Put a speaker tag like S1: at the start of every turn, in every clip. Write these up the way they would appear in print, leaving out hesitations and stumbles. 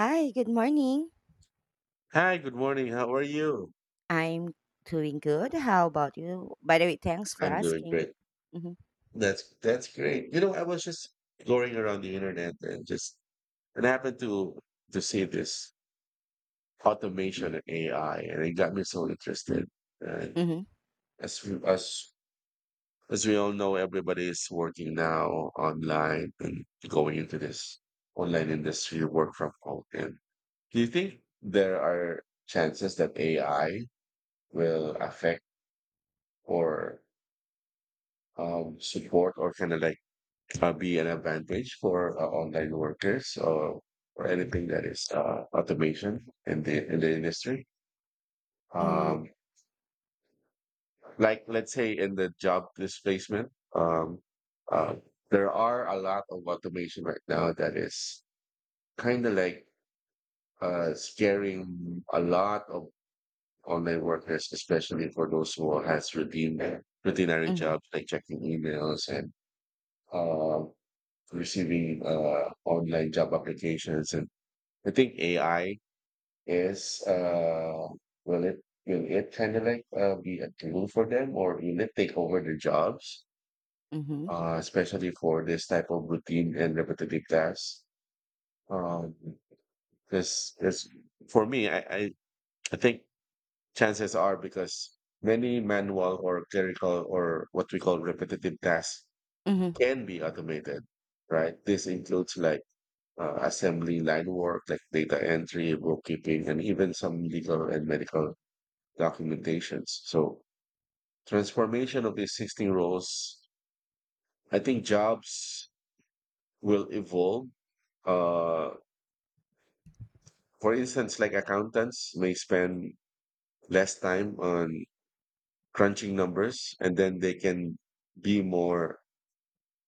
S1: Hi, good morning.
S2: Hi, good morning. How are you?
S1: I'm doing good. How about you? By the way, thanks for
S2: I'm doing
S1: asking.
S2: great.
S1: Mm-hmm.
S2: That's great. You know, I was just exploring around the internet and just and happened to see this automation and AI, and it got me so interested. And
S1: Mm-hmm.
S2: as as we all know, everybody is working now online and going into this online industry, work from home. And do you think there are chances that AI will affect or support or kind of like be an advantage for online workers or anything that is automation in the industry.
S1: Mm-hmm.
S2: Um, like let's say in the job displacement, um, uh, there are a lot of automation right now that is kind of like scaring a lot of online workers, especially for those who has routine routinary
S1: Mm-hmm.
S2: jobs like checking emails and uh, receiving online job applications. And I think AI is uh will it will it kind of like be a tool for them, or will it take over their jobs,
S1: Mm-hmm.
S2: especially for this type of routine and repetitive tasks? Um, this is for me. I I think chances are, because many manual or clerical or what we call repetitive tasks
S1: Mm-hmm.
S2: can be automated, right? This includes like assembly line work like data entry, bookkeeping, and even some legal and medical documentations. So, transformation of the existing roles. I think jobs will evolve. Uh, for instance, like accountants may spend less time on crunching numbers, and then they can be more,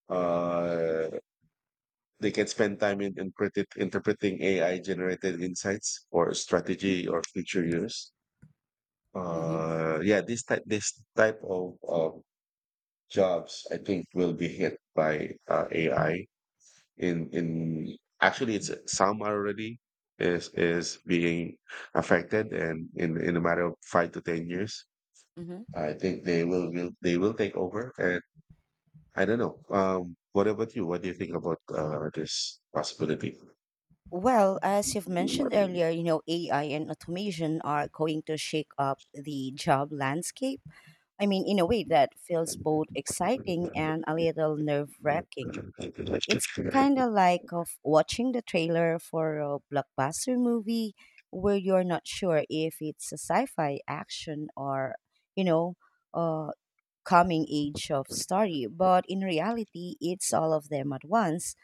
S2: uh, they can spend time in interpreting AI generated insights for strategy or future use.
S1: Mm-hmm.
S2: Yeah, this type of jobs, I think, will be hit by AI. In Actually, it's some are already is being affected, and in a matter of 5 to 10 years,
S1: Mm-hmm.
S2: I think they will they will take over. And I don't know. What about you? What do you think about this possibility?
S1: Well, as you've mentioned earlier, you know, AI and automation are going to shake up the job landscape. I mean, in a way that feels both exciting and a little nerve wracking. It's kind of like of watching the trailer for a blockbuster movie where you're not sure if it's a sci-fi action or, you know, uh coming age of story, but in reality, it's all of them at once.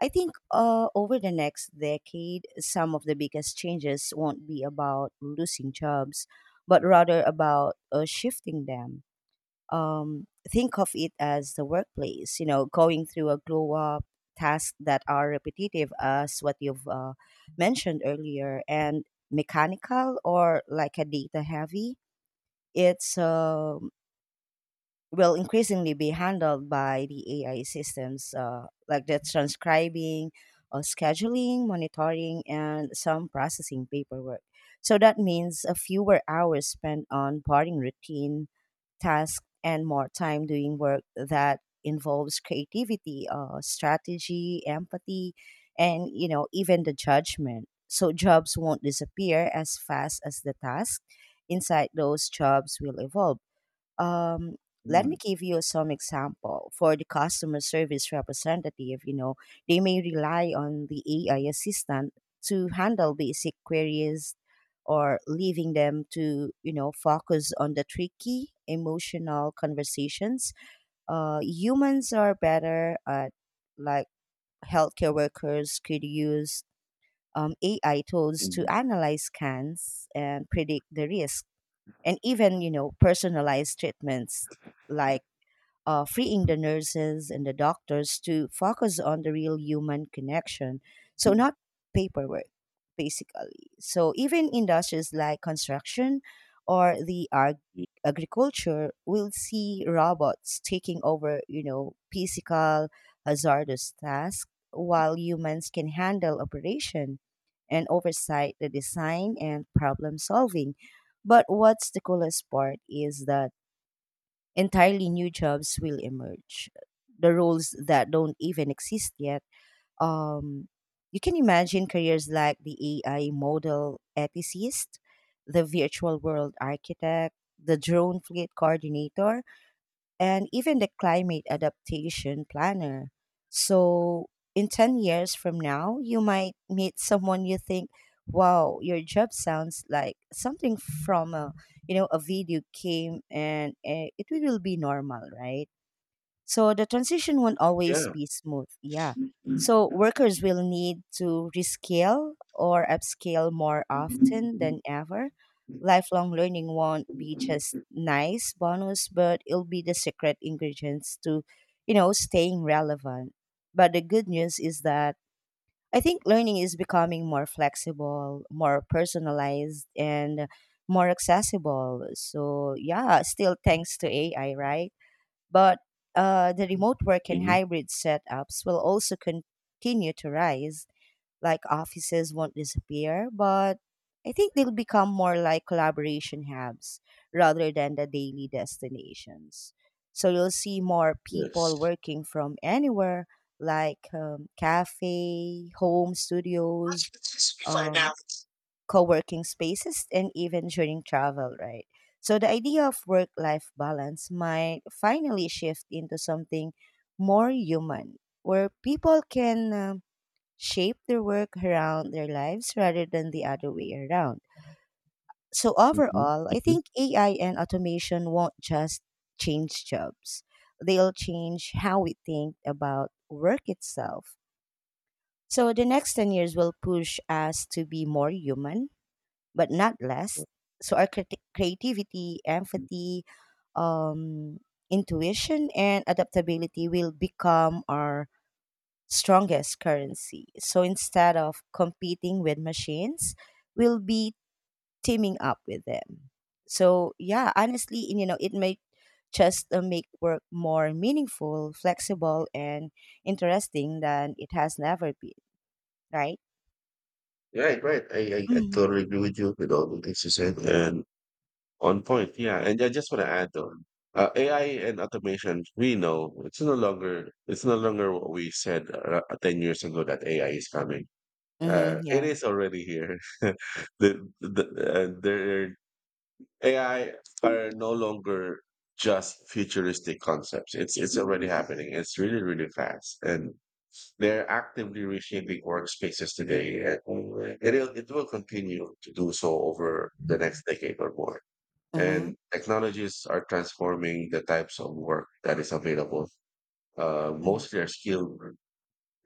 S1: I think over the next decade, some of the biggest changes won't be about losing jobs, but rather about shifting them. Think of it as the workplace, you know, going through a glow up. Tasks that are repetitive as what you've mentioned earlier and mechanical or like a data heavy. It's will increasingly be handled by the AI systems, like the transcribing, scheduling, monitoring, and some processing paperwork. So that means a fewer hours spent on boring routine tasks and more time doing work that involves creativity, strategy, empathy, and, you know, even the judgment. So jobs won't disappear as fast as the task. Inside those jobs will evolve. um, Let
S2: Mm,
S1: me give you some example. For the customer service representative, you know, they may rely on the AI assistant to handle basic queries, or leaving them to, you know, focus on the tricky emotional conversations. Humans are better at, like, healthcare workers could use AI tools
S2: mm,
S1: to analyze scans and predict the risk, and even, you know, personalized treatments, like freeing the nurses and the doctors to focus on the real human connection. So, not paperwork, basically. So, even industries like construction or the
S2: y
S1: agriculture will see robots taking over, you know, physical hazardous tasks while humans can handle operation and oversight, the design and problem solving. But what's the coolest part is that entirely new jobs will emerge. The roles that don't even exist yet. Um, you can imagine careers like the AI model ethicist, the virtual world architect, the drone fleet coordinator, and even the climate adaptation planner. So, in 10 years from now, you might meet someone you think, wow, your job sounds like something from a, you know, a video game, and it will be normal, right? So the transition won't always
S2: Yeah.
S1: be smooth. Yeah. So
S2: Mhm,
S1: workers will need to rescale or upscale more
S2: yes.
S1: often
S2: Mhm,
S1: than ever. Lifelong learning won't be just nice bonus, but it'll be the secret ingredients to, you know, staying relevant. But the good news is that I think learning is becoming more flexible, more personalized, and more accessible. So, yeah, still thanks to AI, right? But the remote work and hybrid setups will also continue to rise. Like offices won't disappear, but I think they'll become more like collaboration hubs rather than the daily destinations. So you'll see more people working from anywhere, like, cafe, home studios, um, co-working spaces, and even during travel, right? So the idea of work-life balance might finally shift into something more human, where people can shape their work around their lives rather than the other way around. So overall, I
S2: mhm.
S1: think AI and automation won't just change jobs. They'll change how we think about work itself. So the next 10 years will push us to be more human, but not less. So our creativity, empathy, um, intuition, and adaptability will become our strongest currency. So instead of competing with machines, we'll be teaming up with them. So yeah, honestly, and, you know, it may just make work more meaningful, flexible, and interesting than it has never been. Right?
S2: Right, right. I I
S1: Mm-hmm.
S2: totally agree with you with all the things you said. And on point, yeah. And I just want to add on AI and automation. We know it's no longer what we said 10 years ago that AI is coming.
S1: Mm-hmm,
S2: It
S1: yeah.
S2: is already here. The there AI are no longer just futuristic concepts. It's already happening. It's really fast, and they're actively reshaping workspaces today, and it will continue to do so over the next decade or more.
S1: Mm-hmm.
S2: And technologies are transforming the types of work that is available.
S1: Mm-hmm.
S2: Mostly are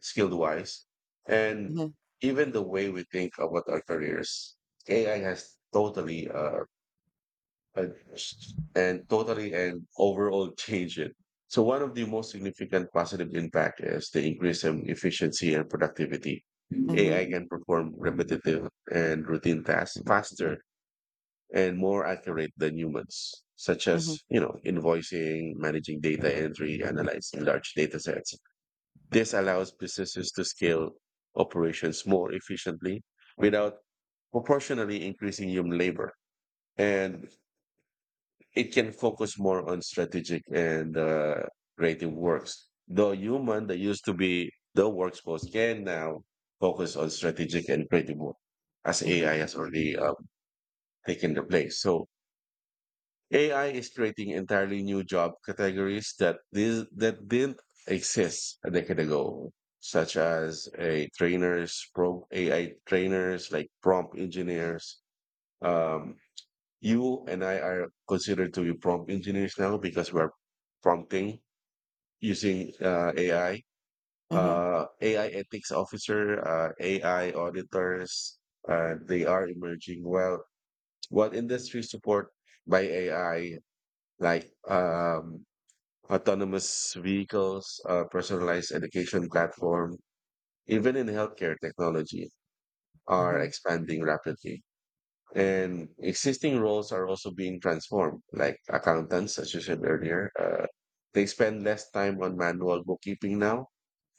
S2: skilled wise, and even the way we think about our careers. AI has totally uh, and totally and overall changed it. So one of the most significant positive impact is the increase in efficiency and productivity.
S1: Mm-hmm.
S2: AI can perform repetitive and routine tasks faster and more accurate than humans, such
S1: Mm-hmm.
S2: as, you know, invoicing, managing data entry, analyzing large data sets. This allows businesses to scale operations more efficiently without proportionally increasing human labor. And it can focus more on strategic and creative works. The human that used to be the workforce can now focus on strategic and creative work, as
S1: Mhm.
S2: AI has already taken the place. So AI is creating entirely new job categories that didn't exist a decade ago, such as a trainers, pro AI trainers like prompt engineers. Um, you and I are considered to be prompt engineers now because we're prompting using AI.
S1: Mhm.
S2: AI ethics officer, AI auditors, they are emerging. Well, what industries support by AI? Like autonomous vehicles, personalized education platform, even in healthcare technology are
S1: Mhm.
S2: expanding rapidly. And existing roles are also being transformed, like accountants, as you said earlier. They spend less time on manual bookkeeping now,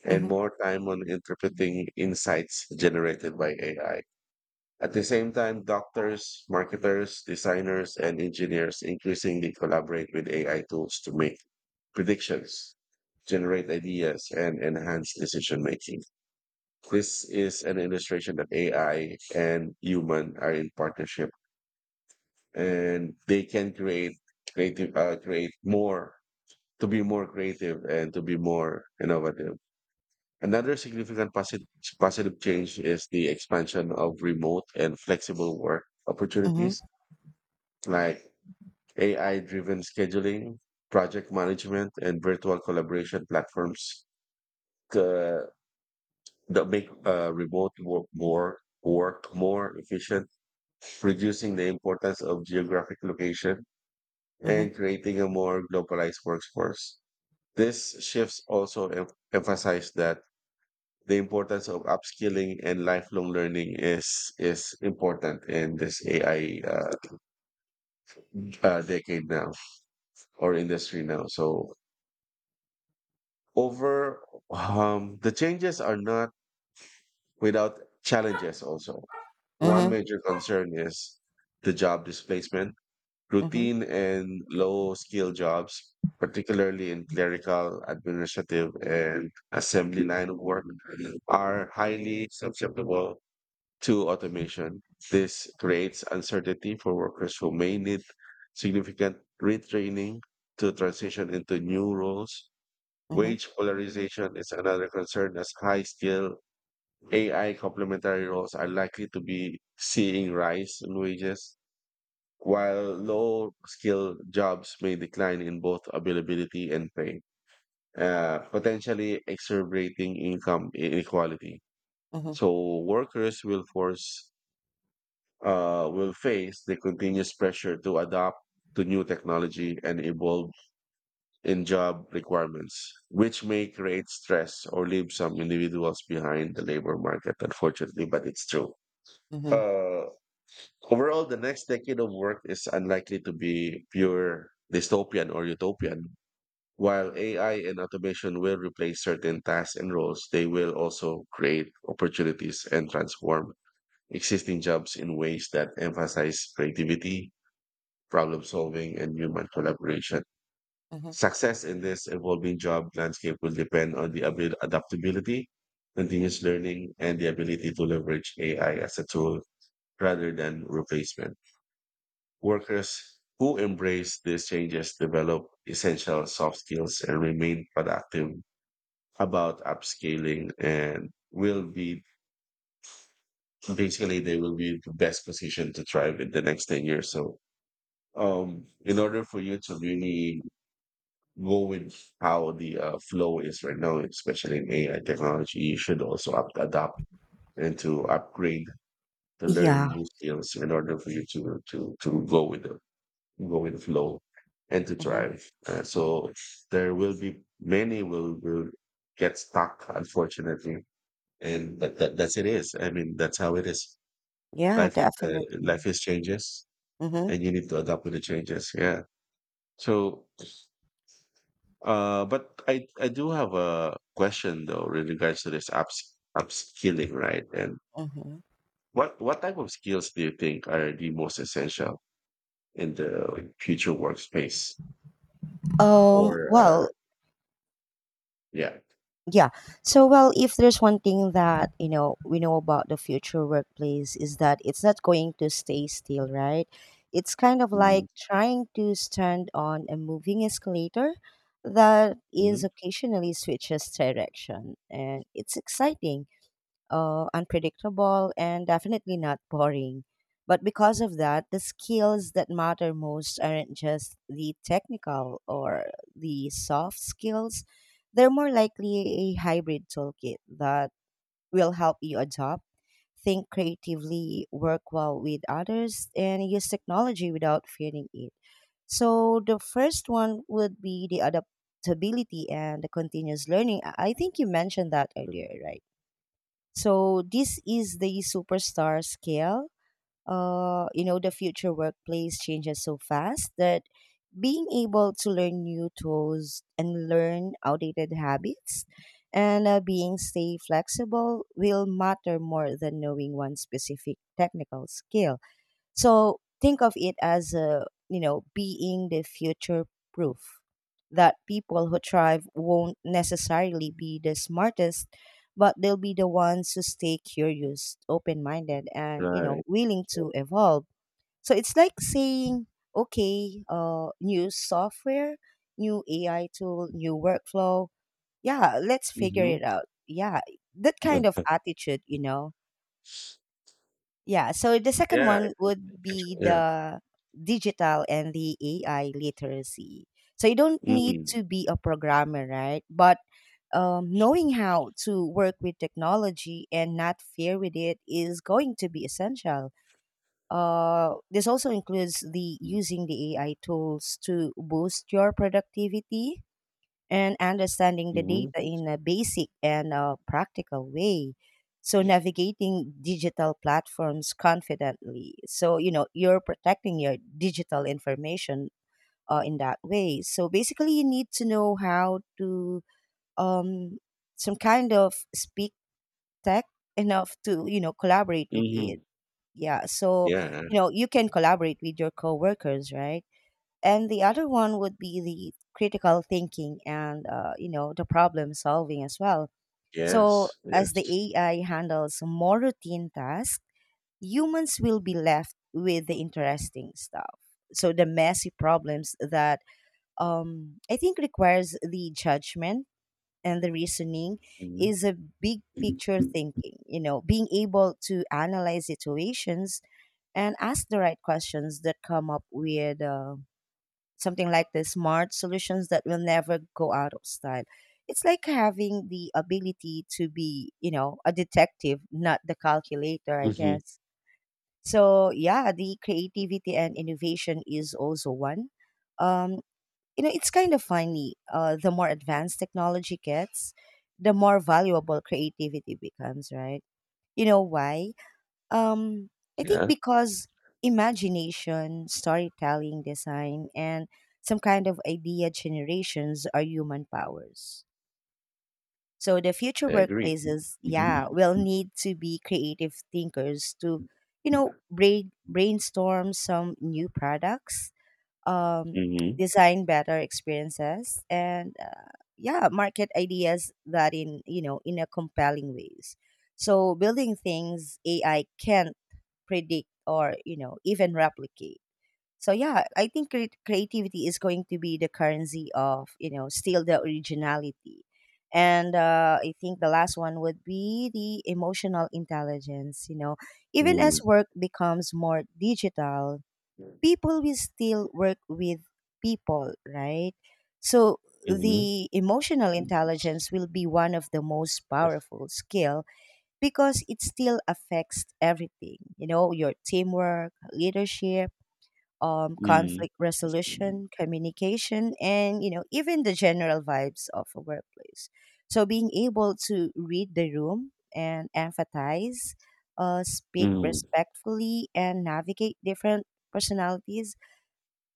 S2: and
S1: Mhm.
S2: more time on interpreting insights generated by AI. At the same time, doctors, marketers, designers, and engineers increasingly collaborate with AI tools to make predictions, generate ideas, and enhance decision making. This is an illustration that AI and human are in partnership, and they can create creative, create more to be more creative and to be more innovative. Another positive change is the expansion of remote and flexible work
S1: Mhm.
S2: opportunities, like AI driven scheduling, project management, and virtual collaboration platforms uh, that make remote work more efficient, reducing the importance of geographic location
S1: Mhm.
S2: and creating a more globalized workforce. This shifts also emphasize that the importance of upskilling and lifelong learning is important in this AI decade now or industry now. So, over the changes are not without challenges also.
S1: Mhm.
S2: One
S1: Mhm.
S2: major concern is the job displacement.
S1: Mhm.
S2: Routine and low skill jobs, particularly in clerical, administrative, and assembly line of work, are highly susceptible to automation. This creates uncertainty for workers who may need significant retraining to transition into new roles.
S1: Mhm.
S2: Wage polarization is another concern, as high skill AI complementary roles are likely to be seeing rise in wages, while low skill jobs may decline in both availability and pay, potentially exacerbating income inequality.
S1: Mhm.
S2: So workers will face the continuous pressure to adapt to new technology and evolve in job requirements, which may create stress or leave some individuals behind the labor market, unfortunately, but it's true.
S1: Mhm.
S2: Uh, overall, the next decade of work is unlikely to be pure dystopian or utopian. While AI and automation will replace certain tasks and roles, they will also create opportunities and transform existing jobs in ways that emphasize creativity, problem solving, and human collaboration.
S1: Mhm.
S2: Success in this evolving job landscape will depend on the adaptability, continuous learning, and the ability to leverage AI as a tool rather than replacement. Workers who embrace these changes, develop essential soft skills, and remain productive about upscaling and will be basically they will be the best position to thrive in the next 10 years. So, in order for you to really go with how the flow is right now, especially in AI technology, you should also adapt and to upgrade to
S1: Yeah.
S2: learn new skills in order for you to go with the flow and to
S1: Mhm.
S2: thrive. So there will be many will get stuck, unfortunately, and but that's it is. I mean, that's how it is.
S1: Yeah,
S2: Life is
S1: definitely.
S2: changes,
S1: Mhm.
S2: and you need to adapt with the changes. Yeah. So, uh, but I do have a question though in regards to this upskilling, right? And
S1: Mhm.
S2: what type of skills do you think are the most essential in the, like, future workspace? Or
S1: Um,
S2: uh,
S1: well,
S2: yeah,
S1: yeah. So, well, if there's one thing that, you know, we know about the future workplace is that it's not going to stay still, right? It's kind of
S2: hmm,
S1: like trying to stand on a moving escalator that is occasionally switches direction, and it's exciting, unpredictable, and definitely not boring. But because of that, the skills that matter most aren't just the technical or the soft skills. They're more likely a hybrid toolkit that will help you adopt, think creatively, work well with others, and use technology without fearing it. So the first one would be the adaptability and the continuous learning. I think you mentioned that earlier, right? So this is the superstar scale. You know, the future workplace changes so fast that being able to learn new tools and learn outdated habits and being stay flexible will matter more than knowing one specific technical skill. So think of it as a, you know, being the future proof, that people who thrive won't necessarily be the smartest, but they'll be the ones who stay curious, open minded, and, you know,
S2: right,
S1: willing to evolve. So it's like saying, okay, new software, new AI tool, new workflow. Yeah, let's figure it
S2: mm-hmm.
S1: out. Yeah, that kind of attitude, you know. Yeah. So the second
S2: Yeah, I
S1: one would
S2: think-
S1: be
S2: yeah,
S1: the digital and the AI literacy. So you don't need
S2: mm,
S1: to be a programmer, right? But knowing how to work with technology and not fear with it is going to be essential. This also includes the using the AI tools to boost your productivity and understanding the
S2: hmm,
S1: data in a basic and practical way. So navigating digital platforms confidently. So you know you're protecting your digital information in that way. So basically, you need to know how to, um, some kind of, speak tech enough to, you know, collaborate with
S2: hmm,
S1: it. Yeah. So
S2: yeah,
S1: you know you can collaborate with your coworkers, right? And the other one would be the critical thinking and, you know, the problem solving as well. So
S2: yes,
S1: as the
S2: yes,
S1: AI handles more routine tasks, humans will be left with the interesting stuff. So the messy problems that, I think, requires the judgment and the reasoning
S2: hmm,
S1: is a big picture thinking, you know, being able to analyze situations and ask the right questions that come up with something like the smart solutions that will never go out of style. It's like having the ability to be, you know, a detective, not the calculator, I
S2: hmm,
S1: guess. So yeah, the creativity and innovation is also one. Um, you know, it's kind of funny. The more advanced technology gets, the more valuable creativity becomes, right? You know why? Um, I think
S2: yeah,
S1: because imagination, storytelling, design, and some kind of idea generations are human powers. So the future
S2: I agree.
S1: workplaces, yeah,
S2: Hmm,
S1: will need to be creative thinkers to, you know, brainstorm some new products, um, design better experiences, and, yeah, market ideas that in, you know, in a compelling ways. So building things AI can predict or, you know, even replicate. So yeah, I think creativity is going to be the currency of, you know, still the originality. And I think the last one would be the emotional intelligence. You know, even
S2: hmm.
S1: as work becomes more digital, people will still work with people, right? So
S2: Mhm.
S1: the emotional intelligence will be one of the most powerful skill because it still affects everything, you know, your teamwork leadership,
S2: Mm.
S1: conflict resolution communication, and, you know, even the general vibes of a workplace. So being able to read the room and empathize, speak
S2: Mm.
S1: respectfully and navigate different personalities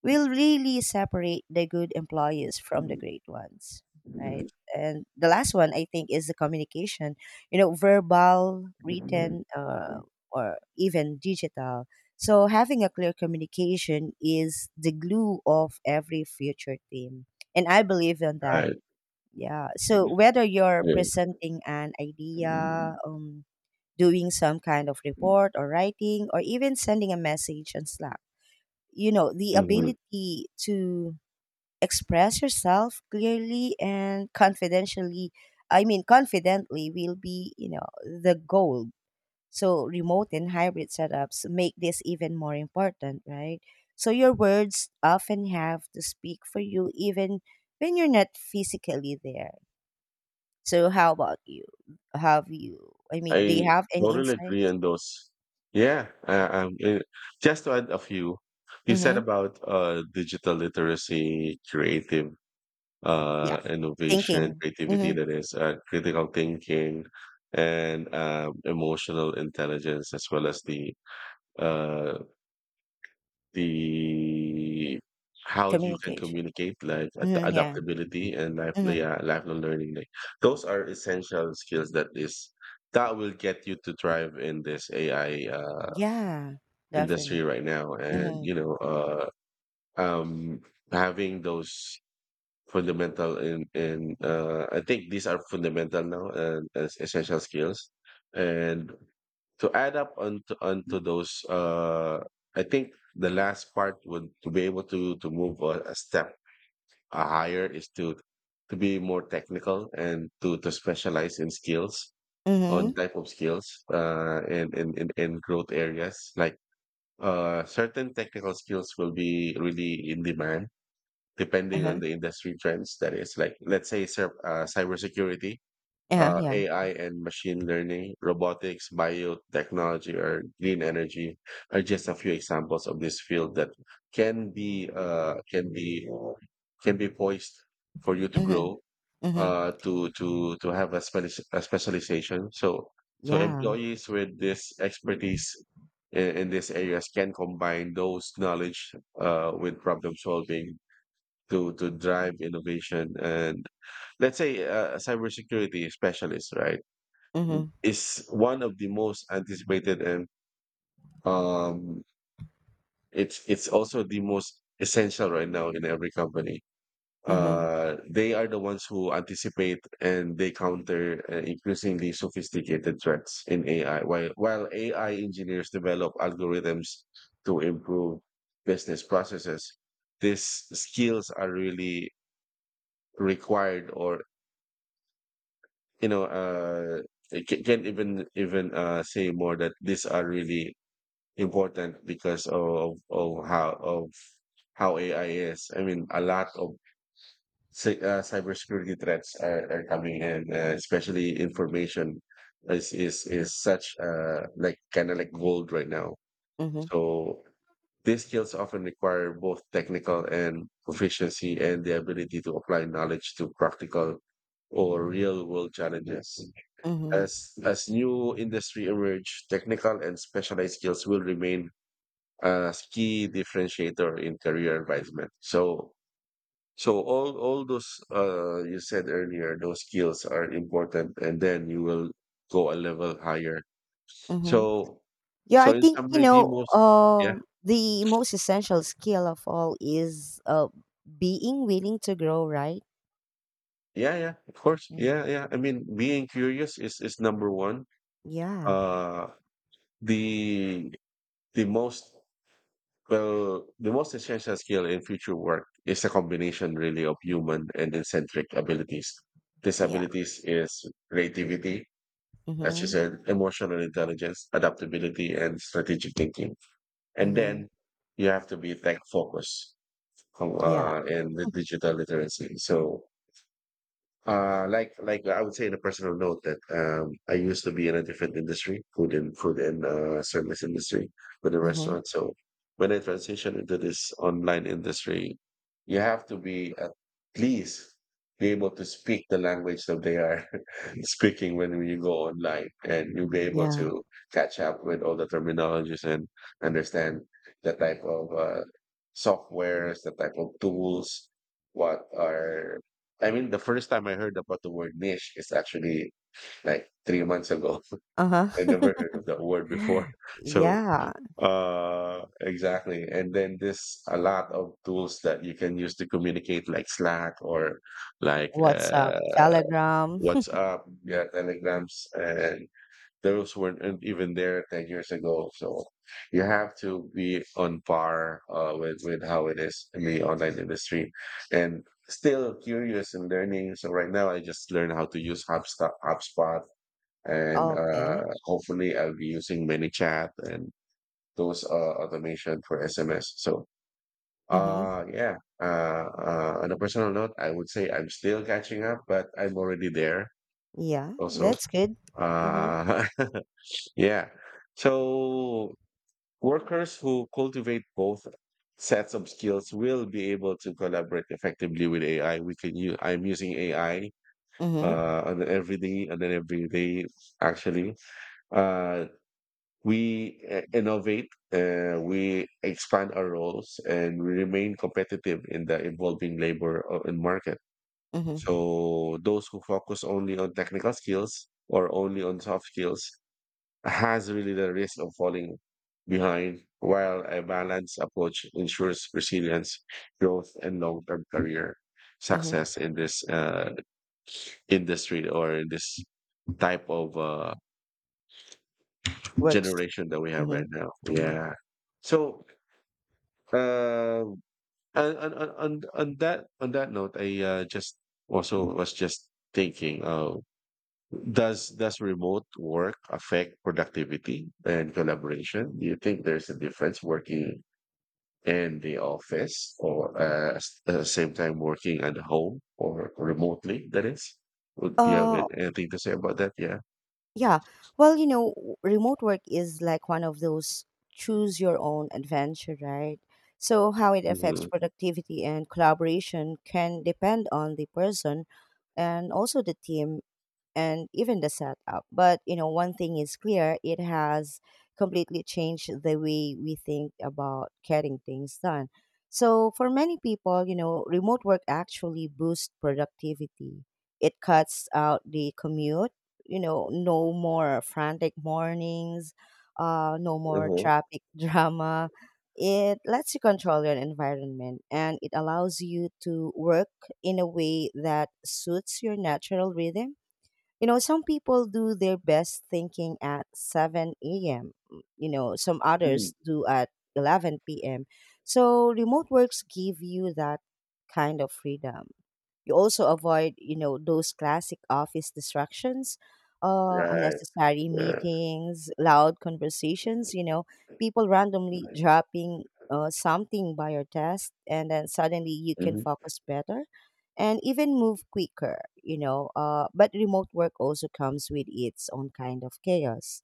S1: will really separate the good employees from the great ones, right? And the last one I think is the communication. You know, verbal, written, or even digital. So having a clear communication is the glue of every future team, and I believe in that.
S2: Right,
S1: Yeah. So whether you're
S2: yeah.
S1: presenting an idea, doing some kind of report or writing, or even sending a message on Slack, you know, the
S2: Mhm.
S1: ability to express yourself clearly and confidentially, I mean, confidently will be, you know, the goal. So, remote and hybrid setups make this even more important, right? So, your words often have to speak for you, even when you're not physically there. So, how about you? I mean, do you
S2: I
S1: have any
S2: totally agree
S1: insights?
S2: on those. Yeah, uh, um, eh, just to add a few, you said
S1: Mm-hmm.
S2: about digital literacy, creative
S1: Yeah.
S2: innovation,
S1: Thinking,
S2: creativity,
S1: mm-hmm.
S2: that is critical thinking, and emotional intelligence, as well as the uh, The how you can
S1: Communication.
S2: communicate, like, ad
S1: Mm-hmm. Yeah.
S2: adaptability and
S1: Mm-hmm.
S2: lifelong learning. Like, those are essential skills that is that will get you to thrive in this AI,
S1: Yeah,
S2: industry
S1: definite.
S2: right now. And,
S1: Mhm.
S2: you know, um, having those fundamental in I think these are fundamental now and as essential skills. And to add up onto those, I think the last part would to be able to move a step higher is to be more technical and to specialize in skills, on
S1: Mhm.
S2: type of skills, and in growth areas. Like, certain technical skills will be really in demand depending on
S1: Uh-huh.
S2: the industry trends. That is, like, let's say cybersecurity,
S1: Yeah. Yeah.
S2: AI and machine learning, robotics, biotechnology, or green energy are just a few examples of this field that can be uh, can be can be poised for you to
S1: Mhm.
S2: grow,
S1: Mhm.
S2: to have a, a specialization. So,
S1: Yeah.
S2: employees with this expertise in these areas can combine those knowledge with problem solving to drive innovation. And let's say a cybersecurity specialist, right,
S1: Mhm.
S2: is one of the most anticipated. And um it's also the most essential right now in every company.
S1: Mhm.
S2: Uh, they are the ones who anticipate and they counter increasingly sophisticated threats in AI, while AI engineers develop algorithms to improve business processes. These skills are really required. Or, you know, I can't even say more that these are really important because of how AI is. I mean, a lot of cybersecurity threats are coming in, especially information is such like kind of like gold right now.
S1: Mhm.
S2: So these skills often require both technical and proficiency and the ability to apply knowledge to practical or real world challenges.
S1: Mhm.
S2: As new industry emerge, technical and specialized skills will remain a key differentiator in career advancement. So all those you said earlier, those skills are important, and then you will go a level higher.
S1: Mhm.
S2: So
S1: Yeah, I
S2: so in
S1: think, you
S2: summary, the
S1: know,
S2: most yeah,
S1: the most essential skill of all is being willing to grow, right?
S2: yeah, yeah, of course,
S1: Mm.
S2: yeah, yeah. I mean, being curious is number one.
S1: Yeah.
S2: Uh, the the most Well, the most essential skill in future work is a combination really of human and eccentric abilities. These
S1: Yeah.
S2: abilities is creativity, as you
S1: Mhm.
S2: said, emotional intelligence, adaptability, and strategic thinking. And
S1: Mhm.
S2: then you have to be tech focused
S1: Yeah.
S2: and the digital literacy. So like I would say in a personal note that I used to be in a different industry, food and service industry with a
S1: Mhm.
S2: restaurant. So when I transitioned into this online industry, you have to be at least be able to speak the language that they are speaking when you go online, and you'll be able
S1: Yeah.
S2: to catch up with all the terminologies and understand the type of softwares, the type of tools, what are I mean, the first time I heard about the word niche is actually like 3 months ago.
S1: Uh-huh.
S2: I never heard of that word before. So,
S1: Yeah.
S2: exactly. And then there's a lot of tools that you can use to communicate, like Slack or like
S1: WhatsApp,
S2: uh,
S1: Telegram.
S2: WhatsApp, yeah, Telegrams, and those weren't even there 10 years ago. So you have to be on par with how it is in the online industry and still curious and learning. So right now I just learned how to use HubSpot, HubSpot and
S1: Okay.
S2: hopefully I'll be using ManyChat and those automation for SMS. So
S1: Mhm.
S2: yeah on a personal note, I would say I'm still catching up, but I'm already there
S1: Yeah,
S2: also.
S1: that's good. Mhm.
S2: uh yeah. So workers who cultivate both sets of skills will be able to collaborate effectively with AI. We can use, I'm using AI
S1: Mhm.
S2: on everyday and then every day actually. Uh, we innovate, we expand our roles, and we remain competitive in the evolving labor and market.
S1: Mhm.
S2: So those who focus only on technical skills or only on soft skills has really the risk of falling behind, while a balanced approach ensures resilience, growth, and long-term career
S1: Mhm.
S2: success in this industry or in this type of
S1: Works.
S2: generation that we have right
S1: Mhm.
S2: now.
S1: Mhm.
S2: Yeah. So, uh, on that note, I just also was just thinking, does remote work affect productivity and collaboration? Do you think there's a difference working in the office or same time working at home or remotely, that is. Would you have
S1: Uh,
S2: anything to say about that? Yeah.
S1: yeah. Well, you know, remote work is like one of those choose your own adventure, right? So how it affects
S2: Mm-hmm.
S1: productivity and collaboration can depend on the person and also the team and even the setup. But one thing is clear: it has completely changed the way we think about getting things done. So for many people, remote work actually boosts productivity. It cuts out the commute. No more frantic mornings, no more
S2: Uh-huh.
S1: traffic drama. It lets you control your environment and it allows you to work in a way that suits your natural rhythm. Some people do their best thinking at 7 a.m., some
S2: Mm.
S1: others do at 11 p.m. So remote works give you that kind of freedom. You also avoid, those classic office distractions,
S2: Right.
S1: unnecessary
S2: Yeah.
S1: meetings, loud conversations, people randomly dropping something by your desk, and then suddenly you can
S2: Mm-hmm.
S1: focus better and even move quicker. But remote work also comes with its own kind of chaos.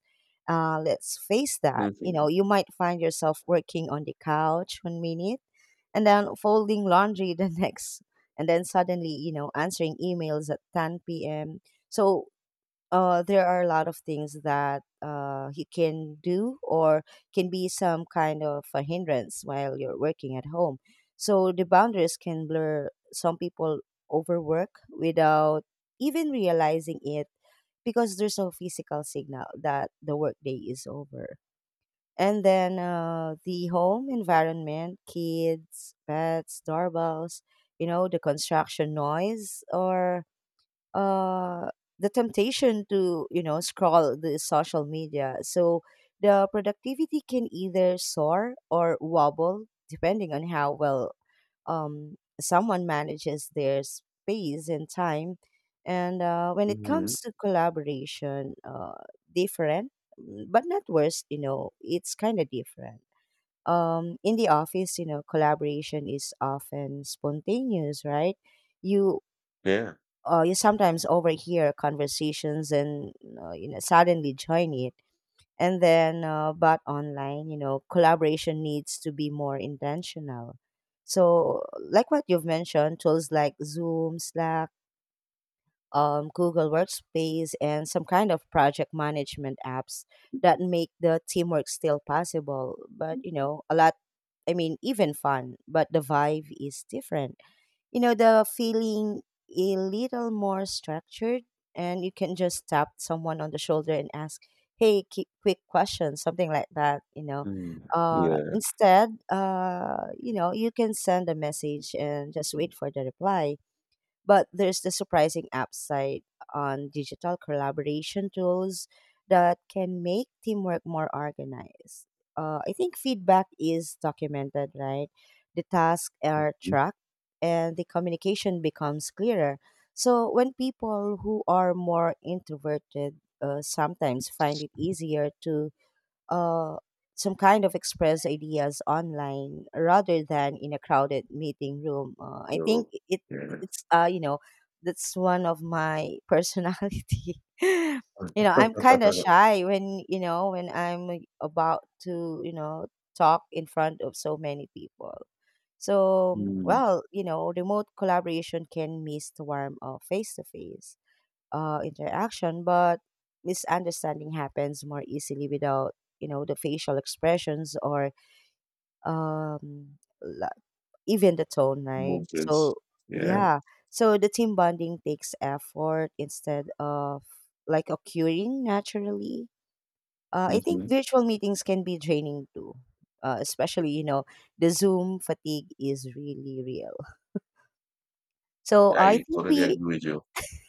S1: Let's face that.
S2: Mm-hmm.
S1: You might find yourself working on the couch one minute and then folding laundry the next, and then suddenly answering emails at 10 p.m. So there are a lot of things that he can do, or can be some kind of a hindrance while you're working at home. So the boundaries can blur. Some people overwork without even realizing it because there's no physical signal that the workday is over. And then the home environment, kids, pets, doorbells, the construction noise, or uh, the temptation to scroll the social media. So the productivity can either soar or wobble depending on how well someone manages their space and time. And when it
S2: Hmm.
S1: comes to collaboration, different, but not worse. It's kind of different. In the office, collaboration is often spontaneous, right? you
S2: Yeah.
S1: uh, you sometimes overhear conversations, and suddenly join it. And then but online, collaboration needs to be more intentional. So, like what you've mentioned, tools like Zoom, Slack, Google Workspace, and some kind of project management apps that make the teamwork still possible. But a lot, I mean, even fun, but the vibe is different. The feeling, a little more structured. And you can just tap someone on the shoulder and ask, hey, quick question, something like that.
S2: Mm.
S1: uh
S2: Yeah.
S1: instead uh you can send a message and just wait for the reply. But there's the surprising upside on digital collaboration tools that can make teamwork more organized. I think feedback is documented, right? The tasks are
S2: Mm.
S1: tracked and the communication becomes clearer. So when people who are more introverted sometimes find it easier to uh, some kind of express ideas online rather than in a crowded meeting room. I think
S2: So,
S1: it
S2: yeah.
S1: it's you know that's one of my personality. I'm kind of shy when I'm about to talk in front of so many people. So,
S2: Mm.
S1: well, remote collaboration can miss the warmth of face to face interaction, but misunderstanding happens more easily without the facial expressions, or um, la- even the tone, right?
S2: Movements.
S1: So,
S2: Yeah.
S1: yeah, so the team bonding takes effort instead of like occurring naturally. I think
S2: Mm-hmm.
S1: virtual meetings can be draining too. Especially, the Zoom fatigue is really real. So I
S2: I
S1: think
S2: totally
S1: we
S2: agree with you.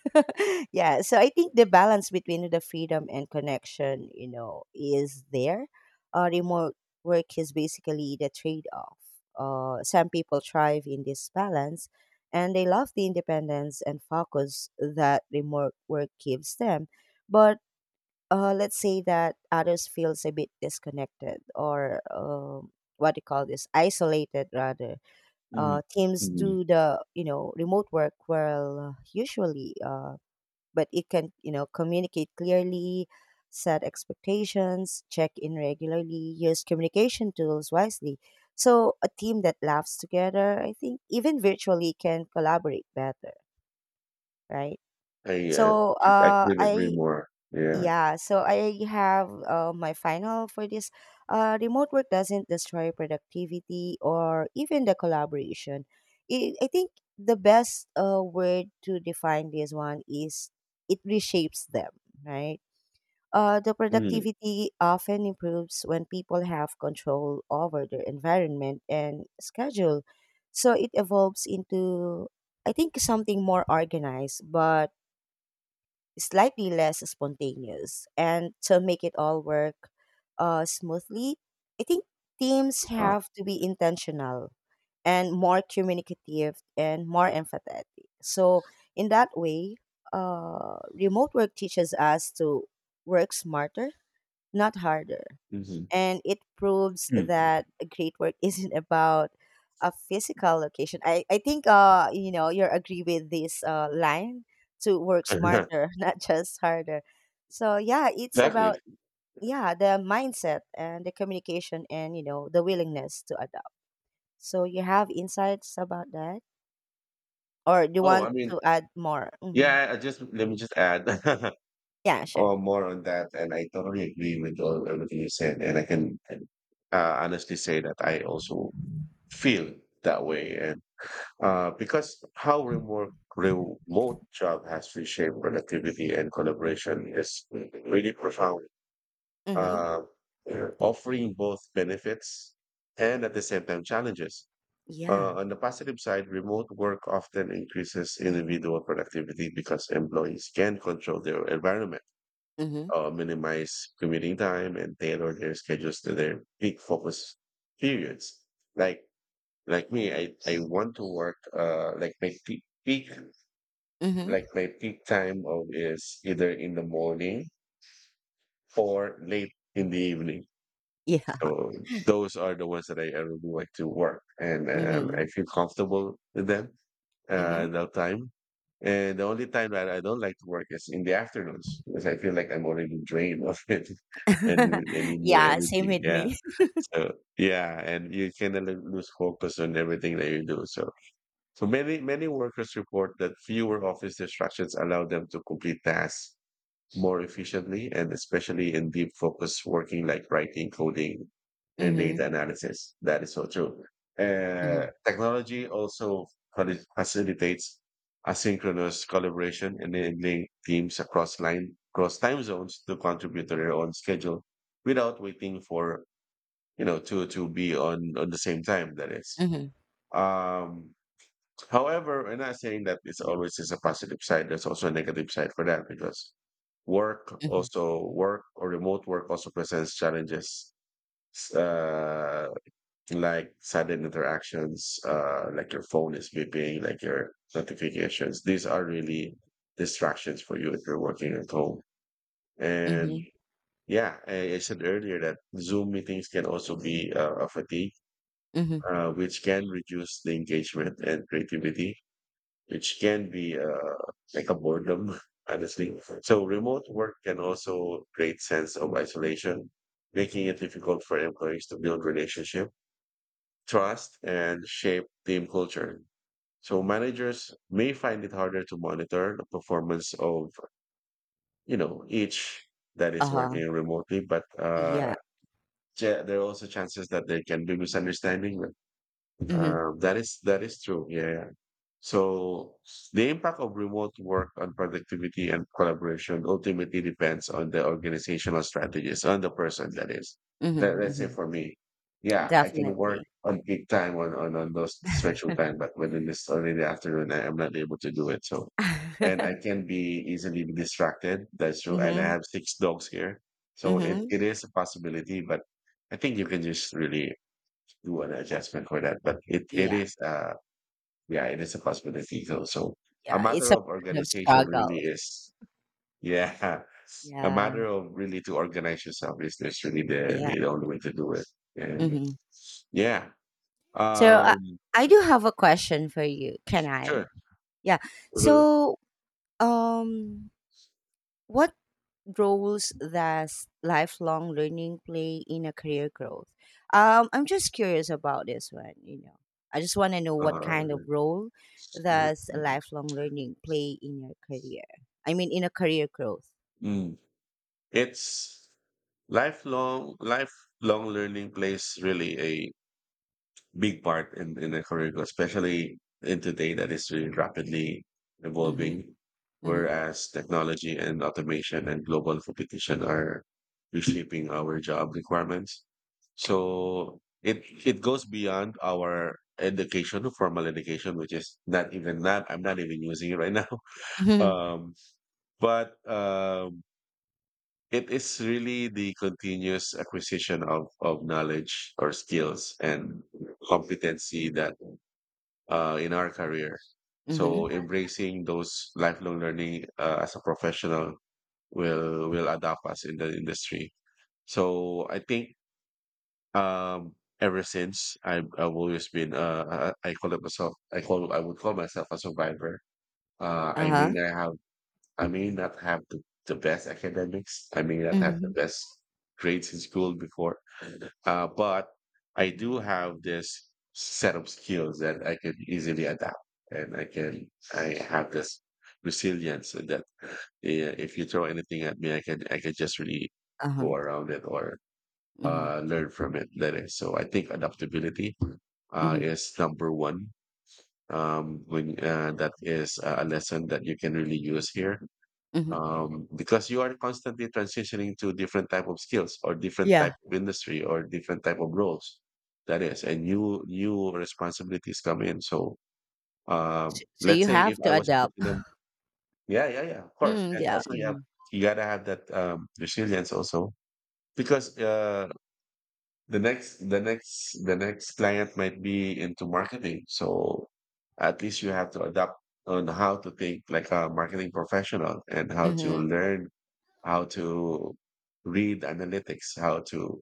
S1: Yeah, so I think the balance between the freedom and connection is there. Remote work is basically the trade-off. Some people thrive in this balance and they love the independence and focus that remote work gives them. But let's say that others feels a bit disconnected, or what do you call this, isolated rather.
S2: Mm.
S1: Teams
S2: Mm.
S1: do the remote work well usually, but it can communicate clearly, set expectations, check in regularly, use communication tools wisely. So a team that laughs together, I think, even virtually can collaborate better, right?
S2: I, uh,
S1: so
S2: I
S1: uh,
S2: couldn't agree
S1: i
S2: more. Yeah.
S1: yeah, so I have my final for this. Remote work doesn't destroy productivity or even the collaboration. It, I think the best word to define this one is it reshapes them, right? The
S2: Mm.
S1: productivity often improves when people have control over their environment and schedule. So it evolves into, I think, something more organized, but slightly less spontaneous. And to make it all work smoothly, I think teams
S2: Huh?
S1: have to be intentional and more communicative and more empathetic. So, in that way, remote work teaches us to work smarter, not harder,
S2: Mm-hmm.
S1: and it proves
S2: Mm-hmm.
S1: that great work isn't about a physical location. I think you agree with this line, to work smarter, not just harder. So, yeah, it's about
S2: Exactly.
S1: yeah the mindset and the communication and the willingness to adapt. So you have insights about that, or do you
S2: Oh, I
S1: want
S2: mean,
S1: to add more? Mm-hmm.
S2: yeah, I just let me just add
S1: Yeah, sure.
S2: or more on that. And I totally agree with all, everything you said. And I can honestly say that I also feel that way. And because how remote job has reshaped productivity and collaboration is really profound,
S1: Mm-hmm.
S2: uh, offering both benefits and at the same time challenges.
S1: Yeah.
S2: On the positive side, remote work often increases individual productivity because employees can control their environment,
S1: Mm-hmm.
S2: minimize commuting time, and tailor their schedules to their peak focus periods. Like me, I want to work like my
S1: Mm-hmm.
S2: peak time of is either in the morning or late in the evening.
S1: Yeah.
S2: So those are the ones that I really like to work, and
S1: Mm-hmm.
S2: I feel comfortable with them
S1: Mm-hmm.
S2: that time. And the only time that I don't like to work is in the afternoons because I feel like I'm already drained of it and I need more
S1: yeah. Same
S2: energy.
S1: with
S2: Yeah.
S1: me.
S2: So yeah, and you kind of like lose focus on everything that you do. So so many workers report that fewer office distractions allow them to complete tasks more efficiently and especially in deep focus working like writing, coding, and
S1: Mhm,
S2: data analysis. That is so true.
S1: mhm,
S2: Technology also facilitates asynchronous collaboration, enabling teams across time zones to contribute to their own schedule without waiting for you know to be on the same time. That is.
S1: mhm,
S2: Um, However, we're not saying that it's always is a positive side. There's also a negative side for that because work
S1: mhm,
S2: also work or remote work also presents challenges. S- uh like sudden interactions, like your phone is beeping, like your notifications, these are really distractions for you if you're working at home. And
S1: mhm,
S2: yeah, I said earlier that zoom meetings can also be a fatigue,
S1: mhm.
S2: which can reduce the engagement and creativity, which can be like a boredom, honestly. So remote work can also create sense of isolation, making it difficult for employees to build relationship, trust, and shape team culture. So managers may find it harder to monitor the performance of you know each that is
S1: Uh-huh,
S2: working remotely, but
S1: yeah.
S2: there are also chances that there can be misunderstanding.
S1: Mhm,
S2: That is true. Yeah. So the impact of remote work on productivity and collaboration ultimately depends on the organizational strategies, on the person that is.
S1: mhm,
S2: Let's say
S1: mhm.
S2: for me, yeah, I can work
S1: Definitely.
S2: on peak time on those special time, but within this early in the afternoon, I am not able to do it. So, and I can be easily distracted. That's true. And I
S1: Mhm,
S2: have 6 dogs here. So
S1: mhm.
S2: it is a possibility, but I think you can just really do an adjustment for that. But it
S1: Yeah,
S2: is, yeah, it is a possibility. So, so a
S1: yeah,
S2: matter
S1: it's a
S2: of
S1: kind of
S2: organization
S1: struggle.
S2: really is, yeah, a
S1: Yeah,
S2: matter of really to organize yourself is that's really
S1: yeah,
S2: the only way to do it. And
S1: mhm.
S2: yeah,
S1: So, I
S2: um,
S1: I do have a question for you, can
S2: sure.
S1: I? Yeah.
S2: Mhm.
S1: So, um, what roles that lifelong learning play in a career growth? I'm just curious about this one. I just want to know what kind of
S2: Uh,
S1: role does lifelong learning play in your career? I mean, in a career growth.
S2: mm. It's lifelong learning plays really a big part in the career growth, especially in today that is really rapidly
S1: Mm-hmm.
S2: evolving,
S1: Mm-hmm.
S2: whereas technology and automation and global competition are reshaping our job requirements. So it goes beyond our education, formal education, which is not even that I'm not even using it right now.
S1: Mm-hmm.
S2: Um, but it is really the continuous acquisition of knowledge or skills and competency that in our career.
S1: Mm-hmm.
S2: So embracing those lifelong learning as a professional will adapt us in the industry. So I think um, ever since I've always been I call it myself I call I would call myself a survivor. I mean
S1: Uh-huh.
S2: I may not have the best academics. I may not have the
S1: Mm-hmm.
S2: best grades in school before, but I do have this set of skills that I can easily adapt, and I have this resilience that if you throw anything at me, I can just really
S1: Uh-huh.
S2: go around it or
S1: Mm-hmm.
S2: learn from it later. So I think adaptability
S1: Mm-hmm.
S2: is number one. When That is a lesson that you can really use here,
S1: Mm-hmm.
S2: because you are constantly transitioning to different type of skills or different type
S1: Yeah.
S2: of industry or different type of roles that is, and new responsibilities come in. So
S1: So,
S2: let's
S1: you
S2: say if
S1: have
S2: I
S1: to
S2: was put
S1: adapt.
S2: in a yeah, yeah, yeah, of course,
S1: Mm,
S2: and
S1: yeah.
S2: also
S1: Mm-hmm.
S2: you gotta have that resilience also, because the next client might be into marketing, so at least you have to adapt on how to think like a marketing professional and how to
S1: Mm-hmm.
S2: learn how to read analytics, how to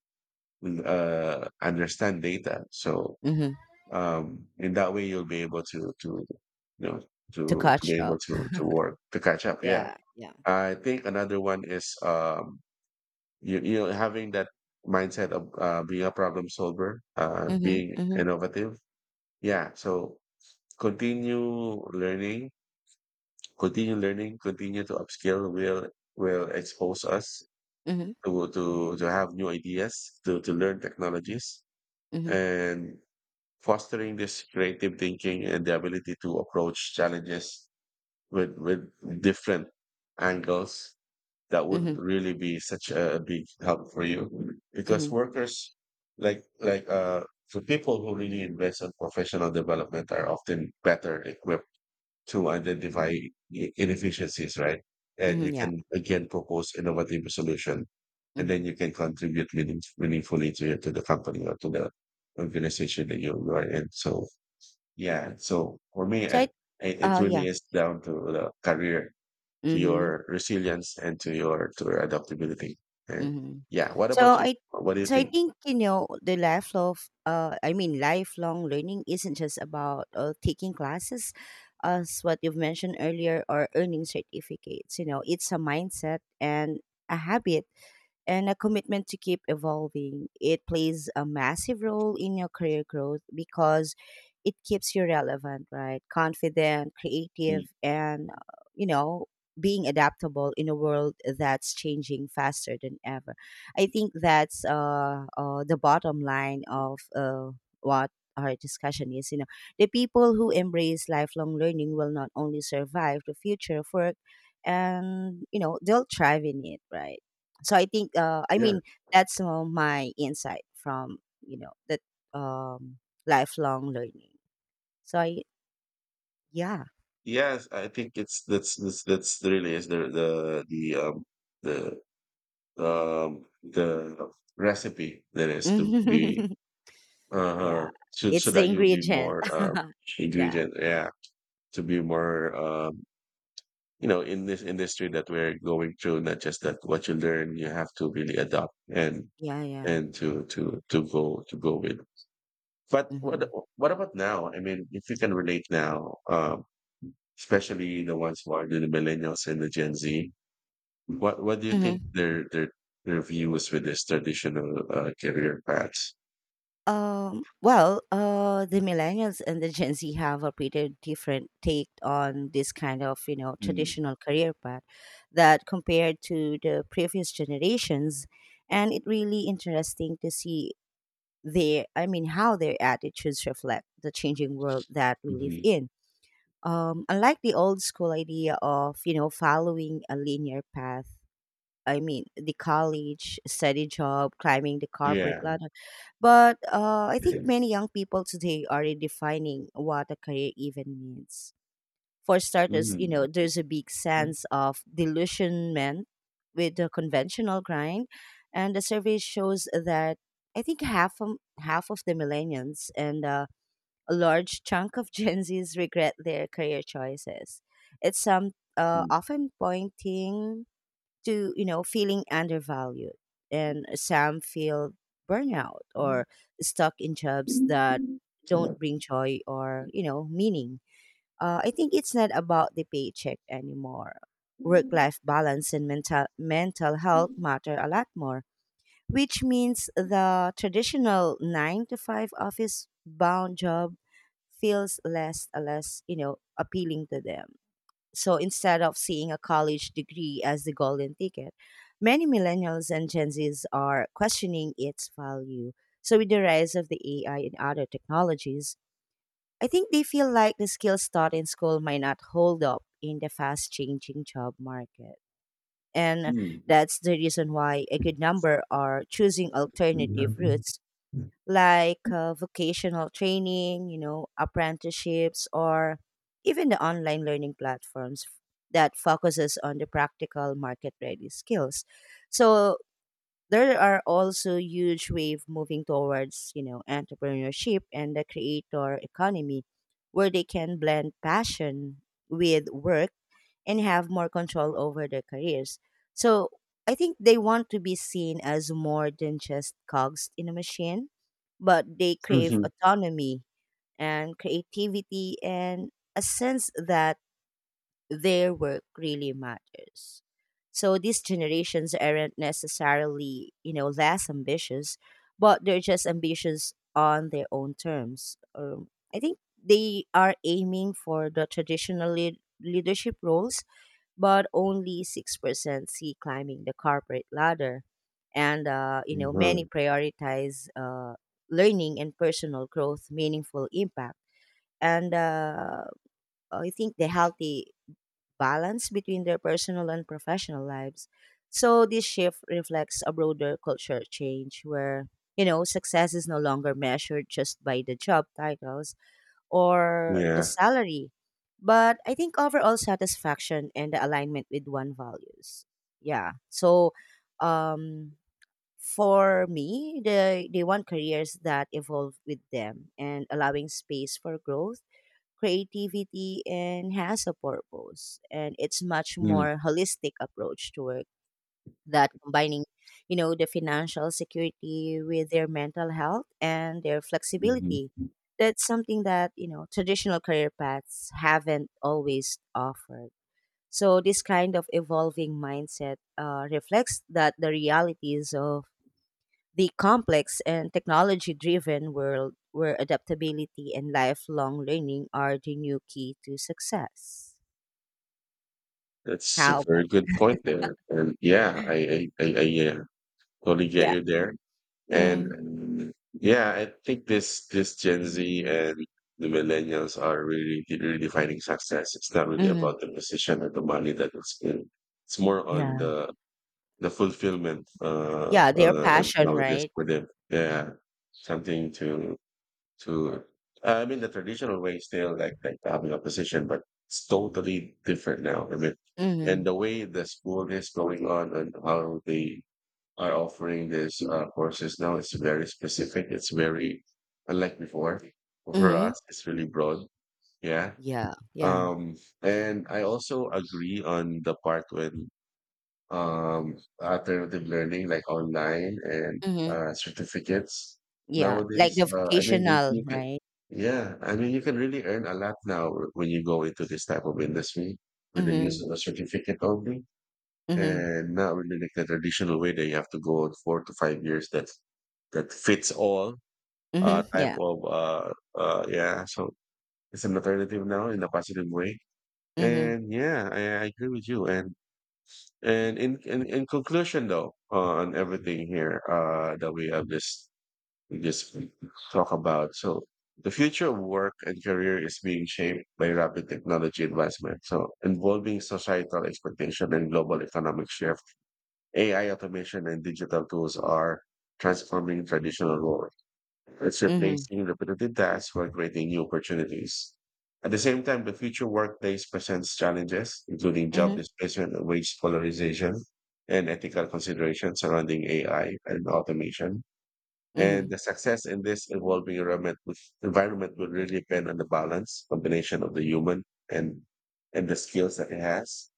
S2: understand data. So
S1: Mm-hmm.
S2: in that way, you'll be able to you know
S1: To
S2: to
S1: catch
S2: be able
S1: up.
S2: to work to catch up. Yeah,
S1: Yeah. Yeah.
S2: I think another one is you know having that mindset of being a problem solver,
S1: Mm-hmm.
S2: being
S1: Mm-hmm.
S2: innovative. Yeah, so continue learning, continue learning, continue to upskill will expose us
S1: Mm-hmm.
S2: to have new ideas, to learn technologies,
S1: Mm-hmm.
S2: and fostering this creative thinking and the ability to approach challenges with different angles. That would
S1: Mm-hmm.
S2: really be such a big help for you because
S1: mm-hmm.
S2: workers like the people who really invest in professional development are often better equipped to identify inefficiencies, right? And you
S1: Mhm, yeah,
S2: can again propose innovative solution, and
S1: mhm.
S2: then you can contribute meaningfully to the company or to the organization that you are in. So yeah, so for me,
S1: So I
S2: it really
S1: yeah,
S2: is down to the career, to
S1: mhm,
S2: your resilience, and to your adaptability. And
S1: mhm.
S2: yeah, what
S1: So
S2: about you?
S1: I
S2: What do you
S1: so, I
S2: think?
S1: think, the life of I mean, lifelong learning isn't just about taking classes, as what you've mentioned earlier, or earning certificates. It's a mindset and a habit and a commitment to keep evolving. It plays a massive role in your career growth because it keeps you relevant, right? Confident,
S2: Mm,
S1: creative, and, being adaptable in a world that's changing faster than ever. I think that's the bottom line of what our discussion is. The people who embrace lifelong learning will not only survive the future of work, and they'll thrive in it, right? So I think, I
S2: Yeah,
S1: mean, that's my insight from that um, lifelong learning. So I, yeah,
S2: yes, I think that's really is the the recipe that is to
S1: yeah,
S2: be so
S1: it's the
S2: that you'll be
S1: ingredient.
S2: more
S1: yeah,
S2: ingredient, yeah, to be more you know in this industry that we're going through. Not just that what you learn, you have to really adopt
S1: yeah, yeah.
S2: and to to go to go with. But
S1: Hmm.
S2: what about now? I mean if you can relate now, especially the ones who are the millennials and the Gen Z. What do you think
S1: Hmm.
S2: their their views with this traditional career paths?
S1: Well, the millennials and the Gen Z have a pretty different take on this kind of
S2: Mm,
S1: traditional career path, that compared to the previous generations, and it really interesting to see. I mean how their attitudes reflect the changing world that we live
S2: mhm.
S1: in. Unlike the old school idea of following a linear path, I mean the college, steady job, climbing the corporate
S2: Yeah.
S1: ladder. But I think
S2: Mm.
S1: many young people today are redefining what a career even means. For starters, there's a big
S2: Mm.
S1: sense of delusionment with the conventional grind, and the survey shows that I think half of the millennials and a large chunk of Gen Zs regret their career choices. It's some often pointing to feeling undervalued, and some feel burnout
S2: Mm. Mhm.
S1: or stuck in jobs that don't bring joy or meaning. I think it's not about the paycheck anymore. Work life balance and mental health matter a lot more, which means the traditional nine to five office bound job feels less appealing to them. So instead of seeing a college degree as the golden ticket, many millennials and Gen Zs are questioning its value. So with the rise of the AI and other technologies, I think they feel like the skills taught in school might not hold up in the fast changing job market. And that's the reason why a good number are choosing alternative routes like vocational training, apprenticeships, or even the online learning platforms that focuses on the practical market ready skills. So there are also huge wave moving towards entrepreneurship and the creator economy, where they can blend passion with work and have more control over their careers. So I think they want to be seen as more than just cogs in a machine, but they crave autonomy and creativity and a sense that their work really matters. So these generations aren't necessarily, less ambitious, but they're just ambitious on their own terms. I think they are aiming for the traditional leadership roles, but only 6% see climbing the corporate ladder. And, many
S2: Mhm.
S1: prioritize learning and personal growth, meaningful impact. And I think the healthy balance between their personal and professional lives. So this shift reflects a broader culture change where success is no longer measured just by the job titles or the
S2: Yeah.
S1: salary, but I think overall satisfaction and the alignment with one values. Yeah. So, um for me, they want careers that evolve with them and allowing space for growth, creativity, and has a purpose. And it's much
S2: Mm.
S1: more holistic approach to work that combining the financial security with their mental health and their
S2: Mhm.
S1: flexibility. That's something that traditional career paths haven't always offered. So this kind of evolving mindset reflects that the realities of the complex and technology driven world where adaptability and lifelong learning are the new key to success.
S2: That's a
S1: How about
S2: very good
S1: you?
S2: point there. And yeah, I yeah, totally get
S1: Yeah.
S2: you there.
S1: Mm,
S2: And yeah, I think this Gen Z and the millennials are really redefining success. It's not really
S1: mm,
S2: about the position or the money that it's in. It's more on
S1: yeah.
S2: the fulfillment
S1: Yeah. Their passion,
S2: nowadays
S1: right?
S2: for them. Yeah. Something to I mean the traditional way is still like having a position, but it's totally different now. I mean and
S1: Mm,
S2: the way the school is going on and how they are offering these courses now. It's very specific. It's very unlike before. For us,
S1: mm,
S2: it's really broad. Yeah.
S1: yeah. Yeah.
S2: Um, and I also agree on the part when um, alternative learning, like online and
S1: Mm,
S2: certificates
S1: yeah. Like
S2: nowadays.
S1: the
S2: I mean,
S1: vocational,
S2: you can,
S1: right?
S2: yeah, I mean, you can really earn a lot now when you go into this type of industry with the use
S1: Mm,
S2: of a certificate only,
S1: mm,
S2: and not really like the traditional way that you have to go out 4 to 5 years, that that fits all
S1: mm,
S2: type
S1: yeah.
S2: of yeah, so it's an alternative now in a positive way.
S1: Mm,
S2: And yeah, I agree with you. And in conclusion though, on everything here that we have just we just talk about. So the future of work and career is being shaped by rapid technology advancement, so involving societal expectation and global economic shift. AI automation and digital tools are transforming traditional work. It's
S1: mm,
S2: replacing repetitive tasks for creating new opportunities. At the same time, the future workplace presents challenges, including job
S1: mm,
S2: displacement, wage polarization, and ethical considerations surrounding AI and automation. And
S1: mm,
S2: the success in this evolving environment with environment will really depend on the balance combination of the human and and the skills that it has.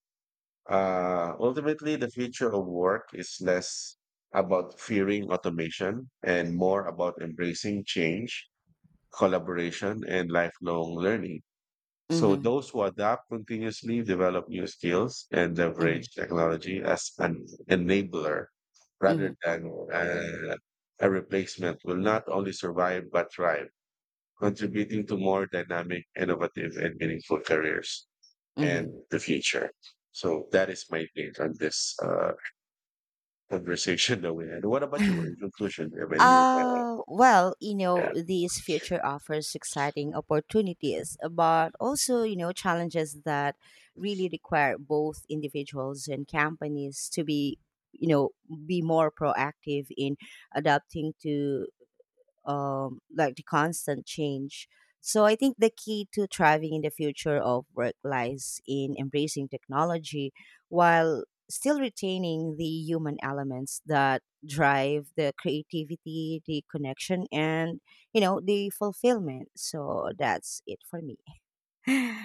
S2: Ultimately, the future of work is less about fearing automation and more about embracing change, collaboration, and lifelong learning. So
S1: mm,
S2: those who adapt continuously, develop new skills, and
S1: mm,
S2: leverage technology as an enabler
S1: mm,
S2: rather than a replacement will not only survive but thrive, contributing to more dynamic, innovative, and meaningful careers and
S1: mm.
S2: the future. So that is my take on this conversation that we had. What about you? In conclusion, do you have any?
S1: Well,
S2: Yeah.
S1: this future offers exciting opportunities, but also, challenges that really require both individuals and companies to you know, be more proactive in adapting to like the constant change. So I think the key to thriving in the future of work lies in embracing technology while still retaining the human elements that drive the creativity, the connection, and the fulfillment. So that's it for me.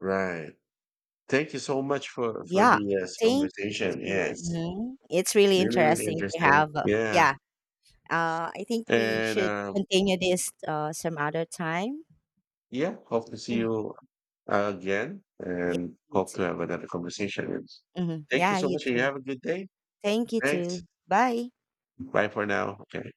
S2: Right. Thank you so much for
S1: Yeah,
S2: the, yes,
S1: thank you.
S2: conversation.
S1: Too.
S2: Yes,
S1: Mhm. It's really
S2: really, really
S1: interesting to
S2: interesting.
S1: have.
S2: Yeah,
S1: Yeah, I think we
S2: and
S1: should continue this some other time.
S2: yeah, hope to see
S1: Mm-hmm.
S2: you again,
S1: Yeah,
S2: and
S1: you
S2: hope
S1: too.
S2: to have another conversation.
S1: Mhm.
S2: Thank you
S1: Yeah,
S2: so
S1: you
S2: much, and you
S1: too.
S2: have a good day.
S1: Thank you
S2: Thanks.
S1: too. Bye.
S2: Bye for now. Okay.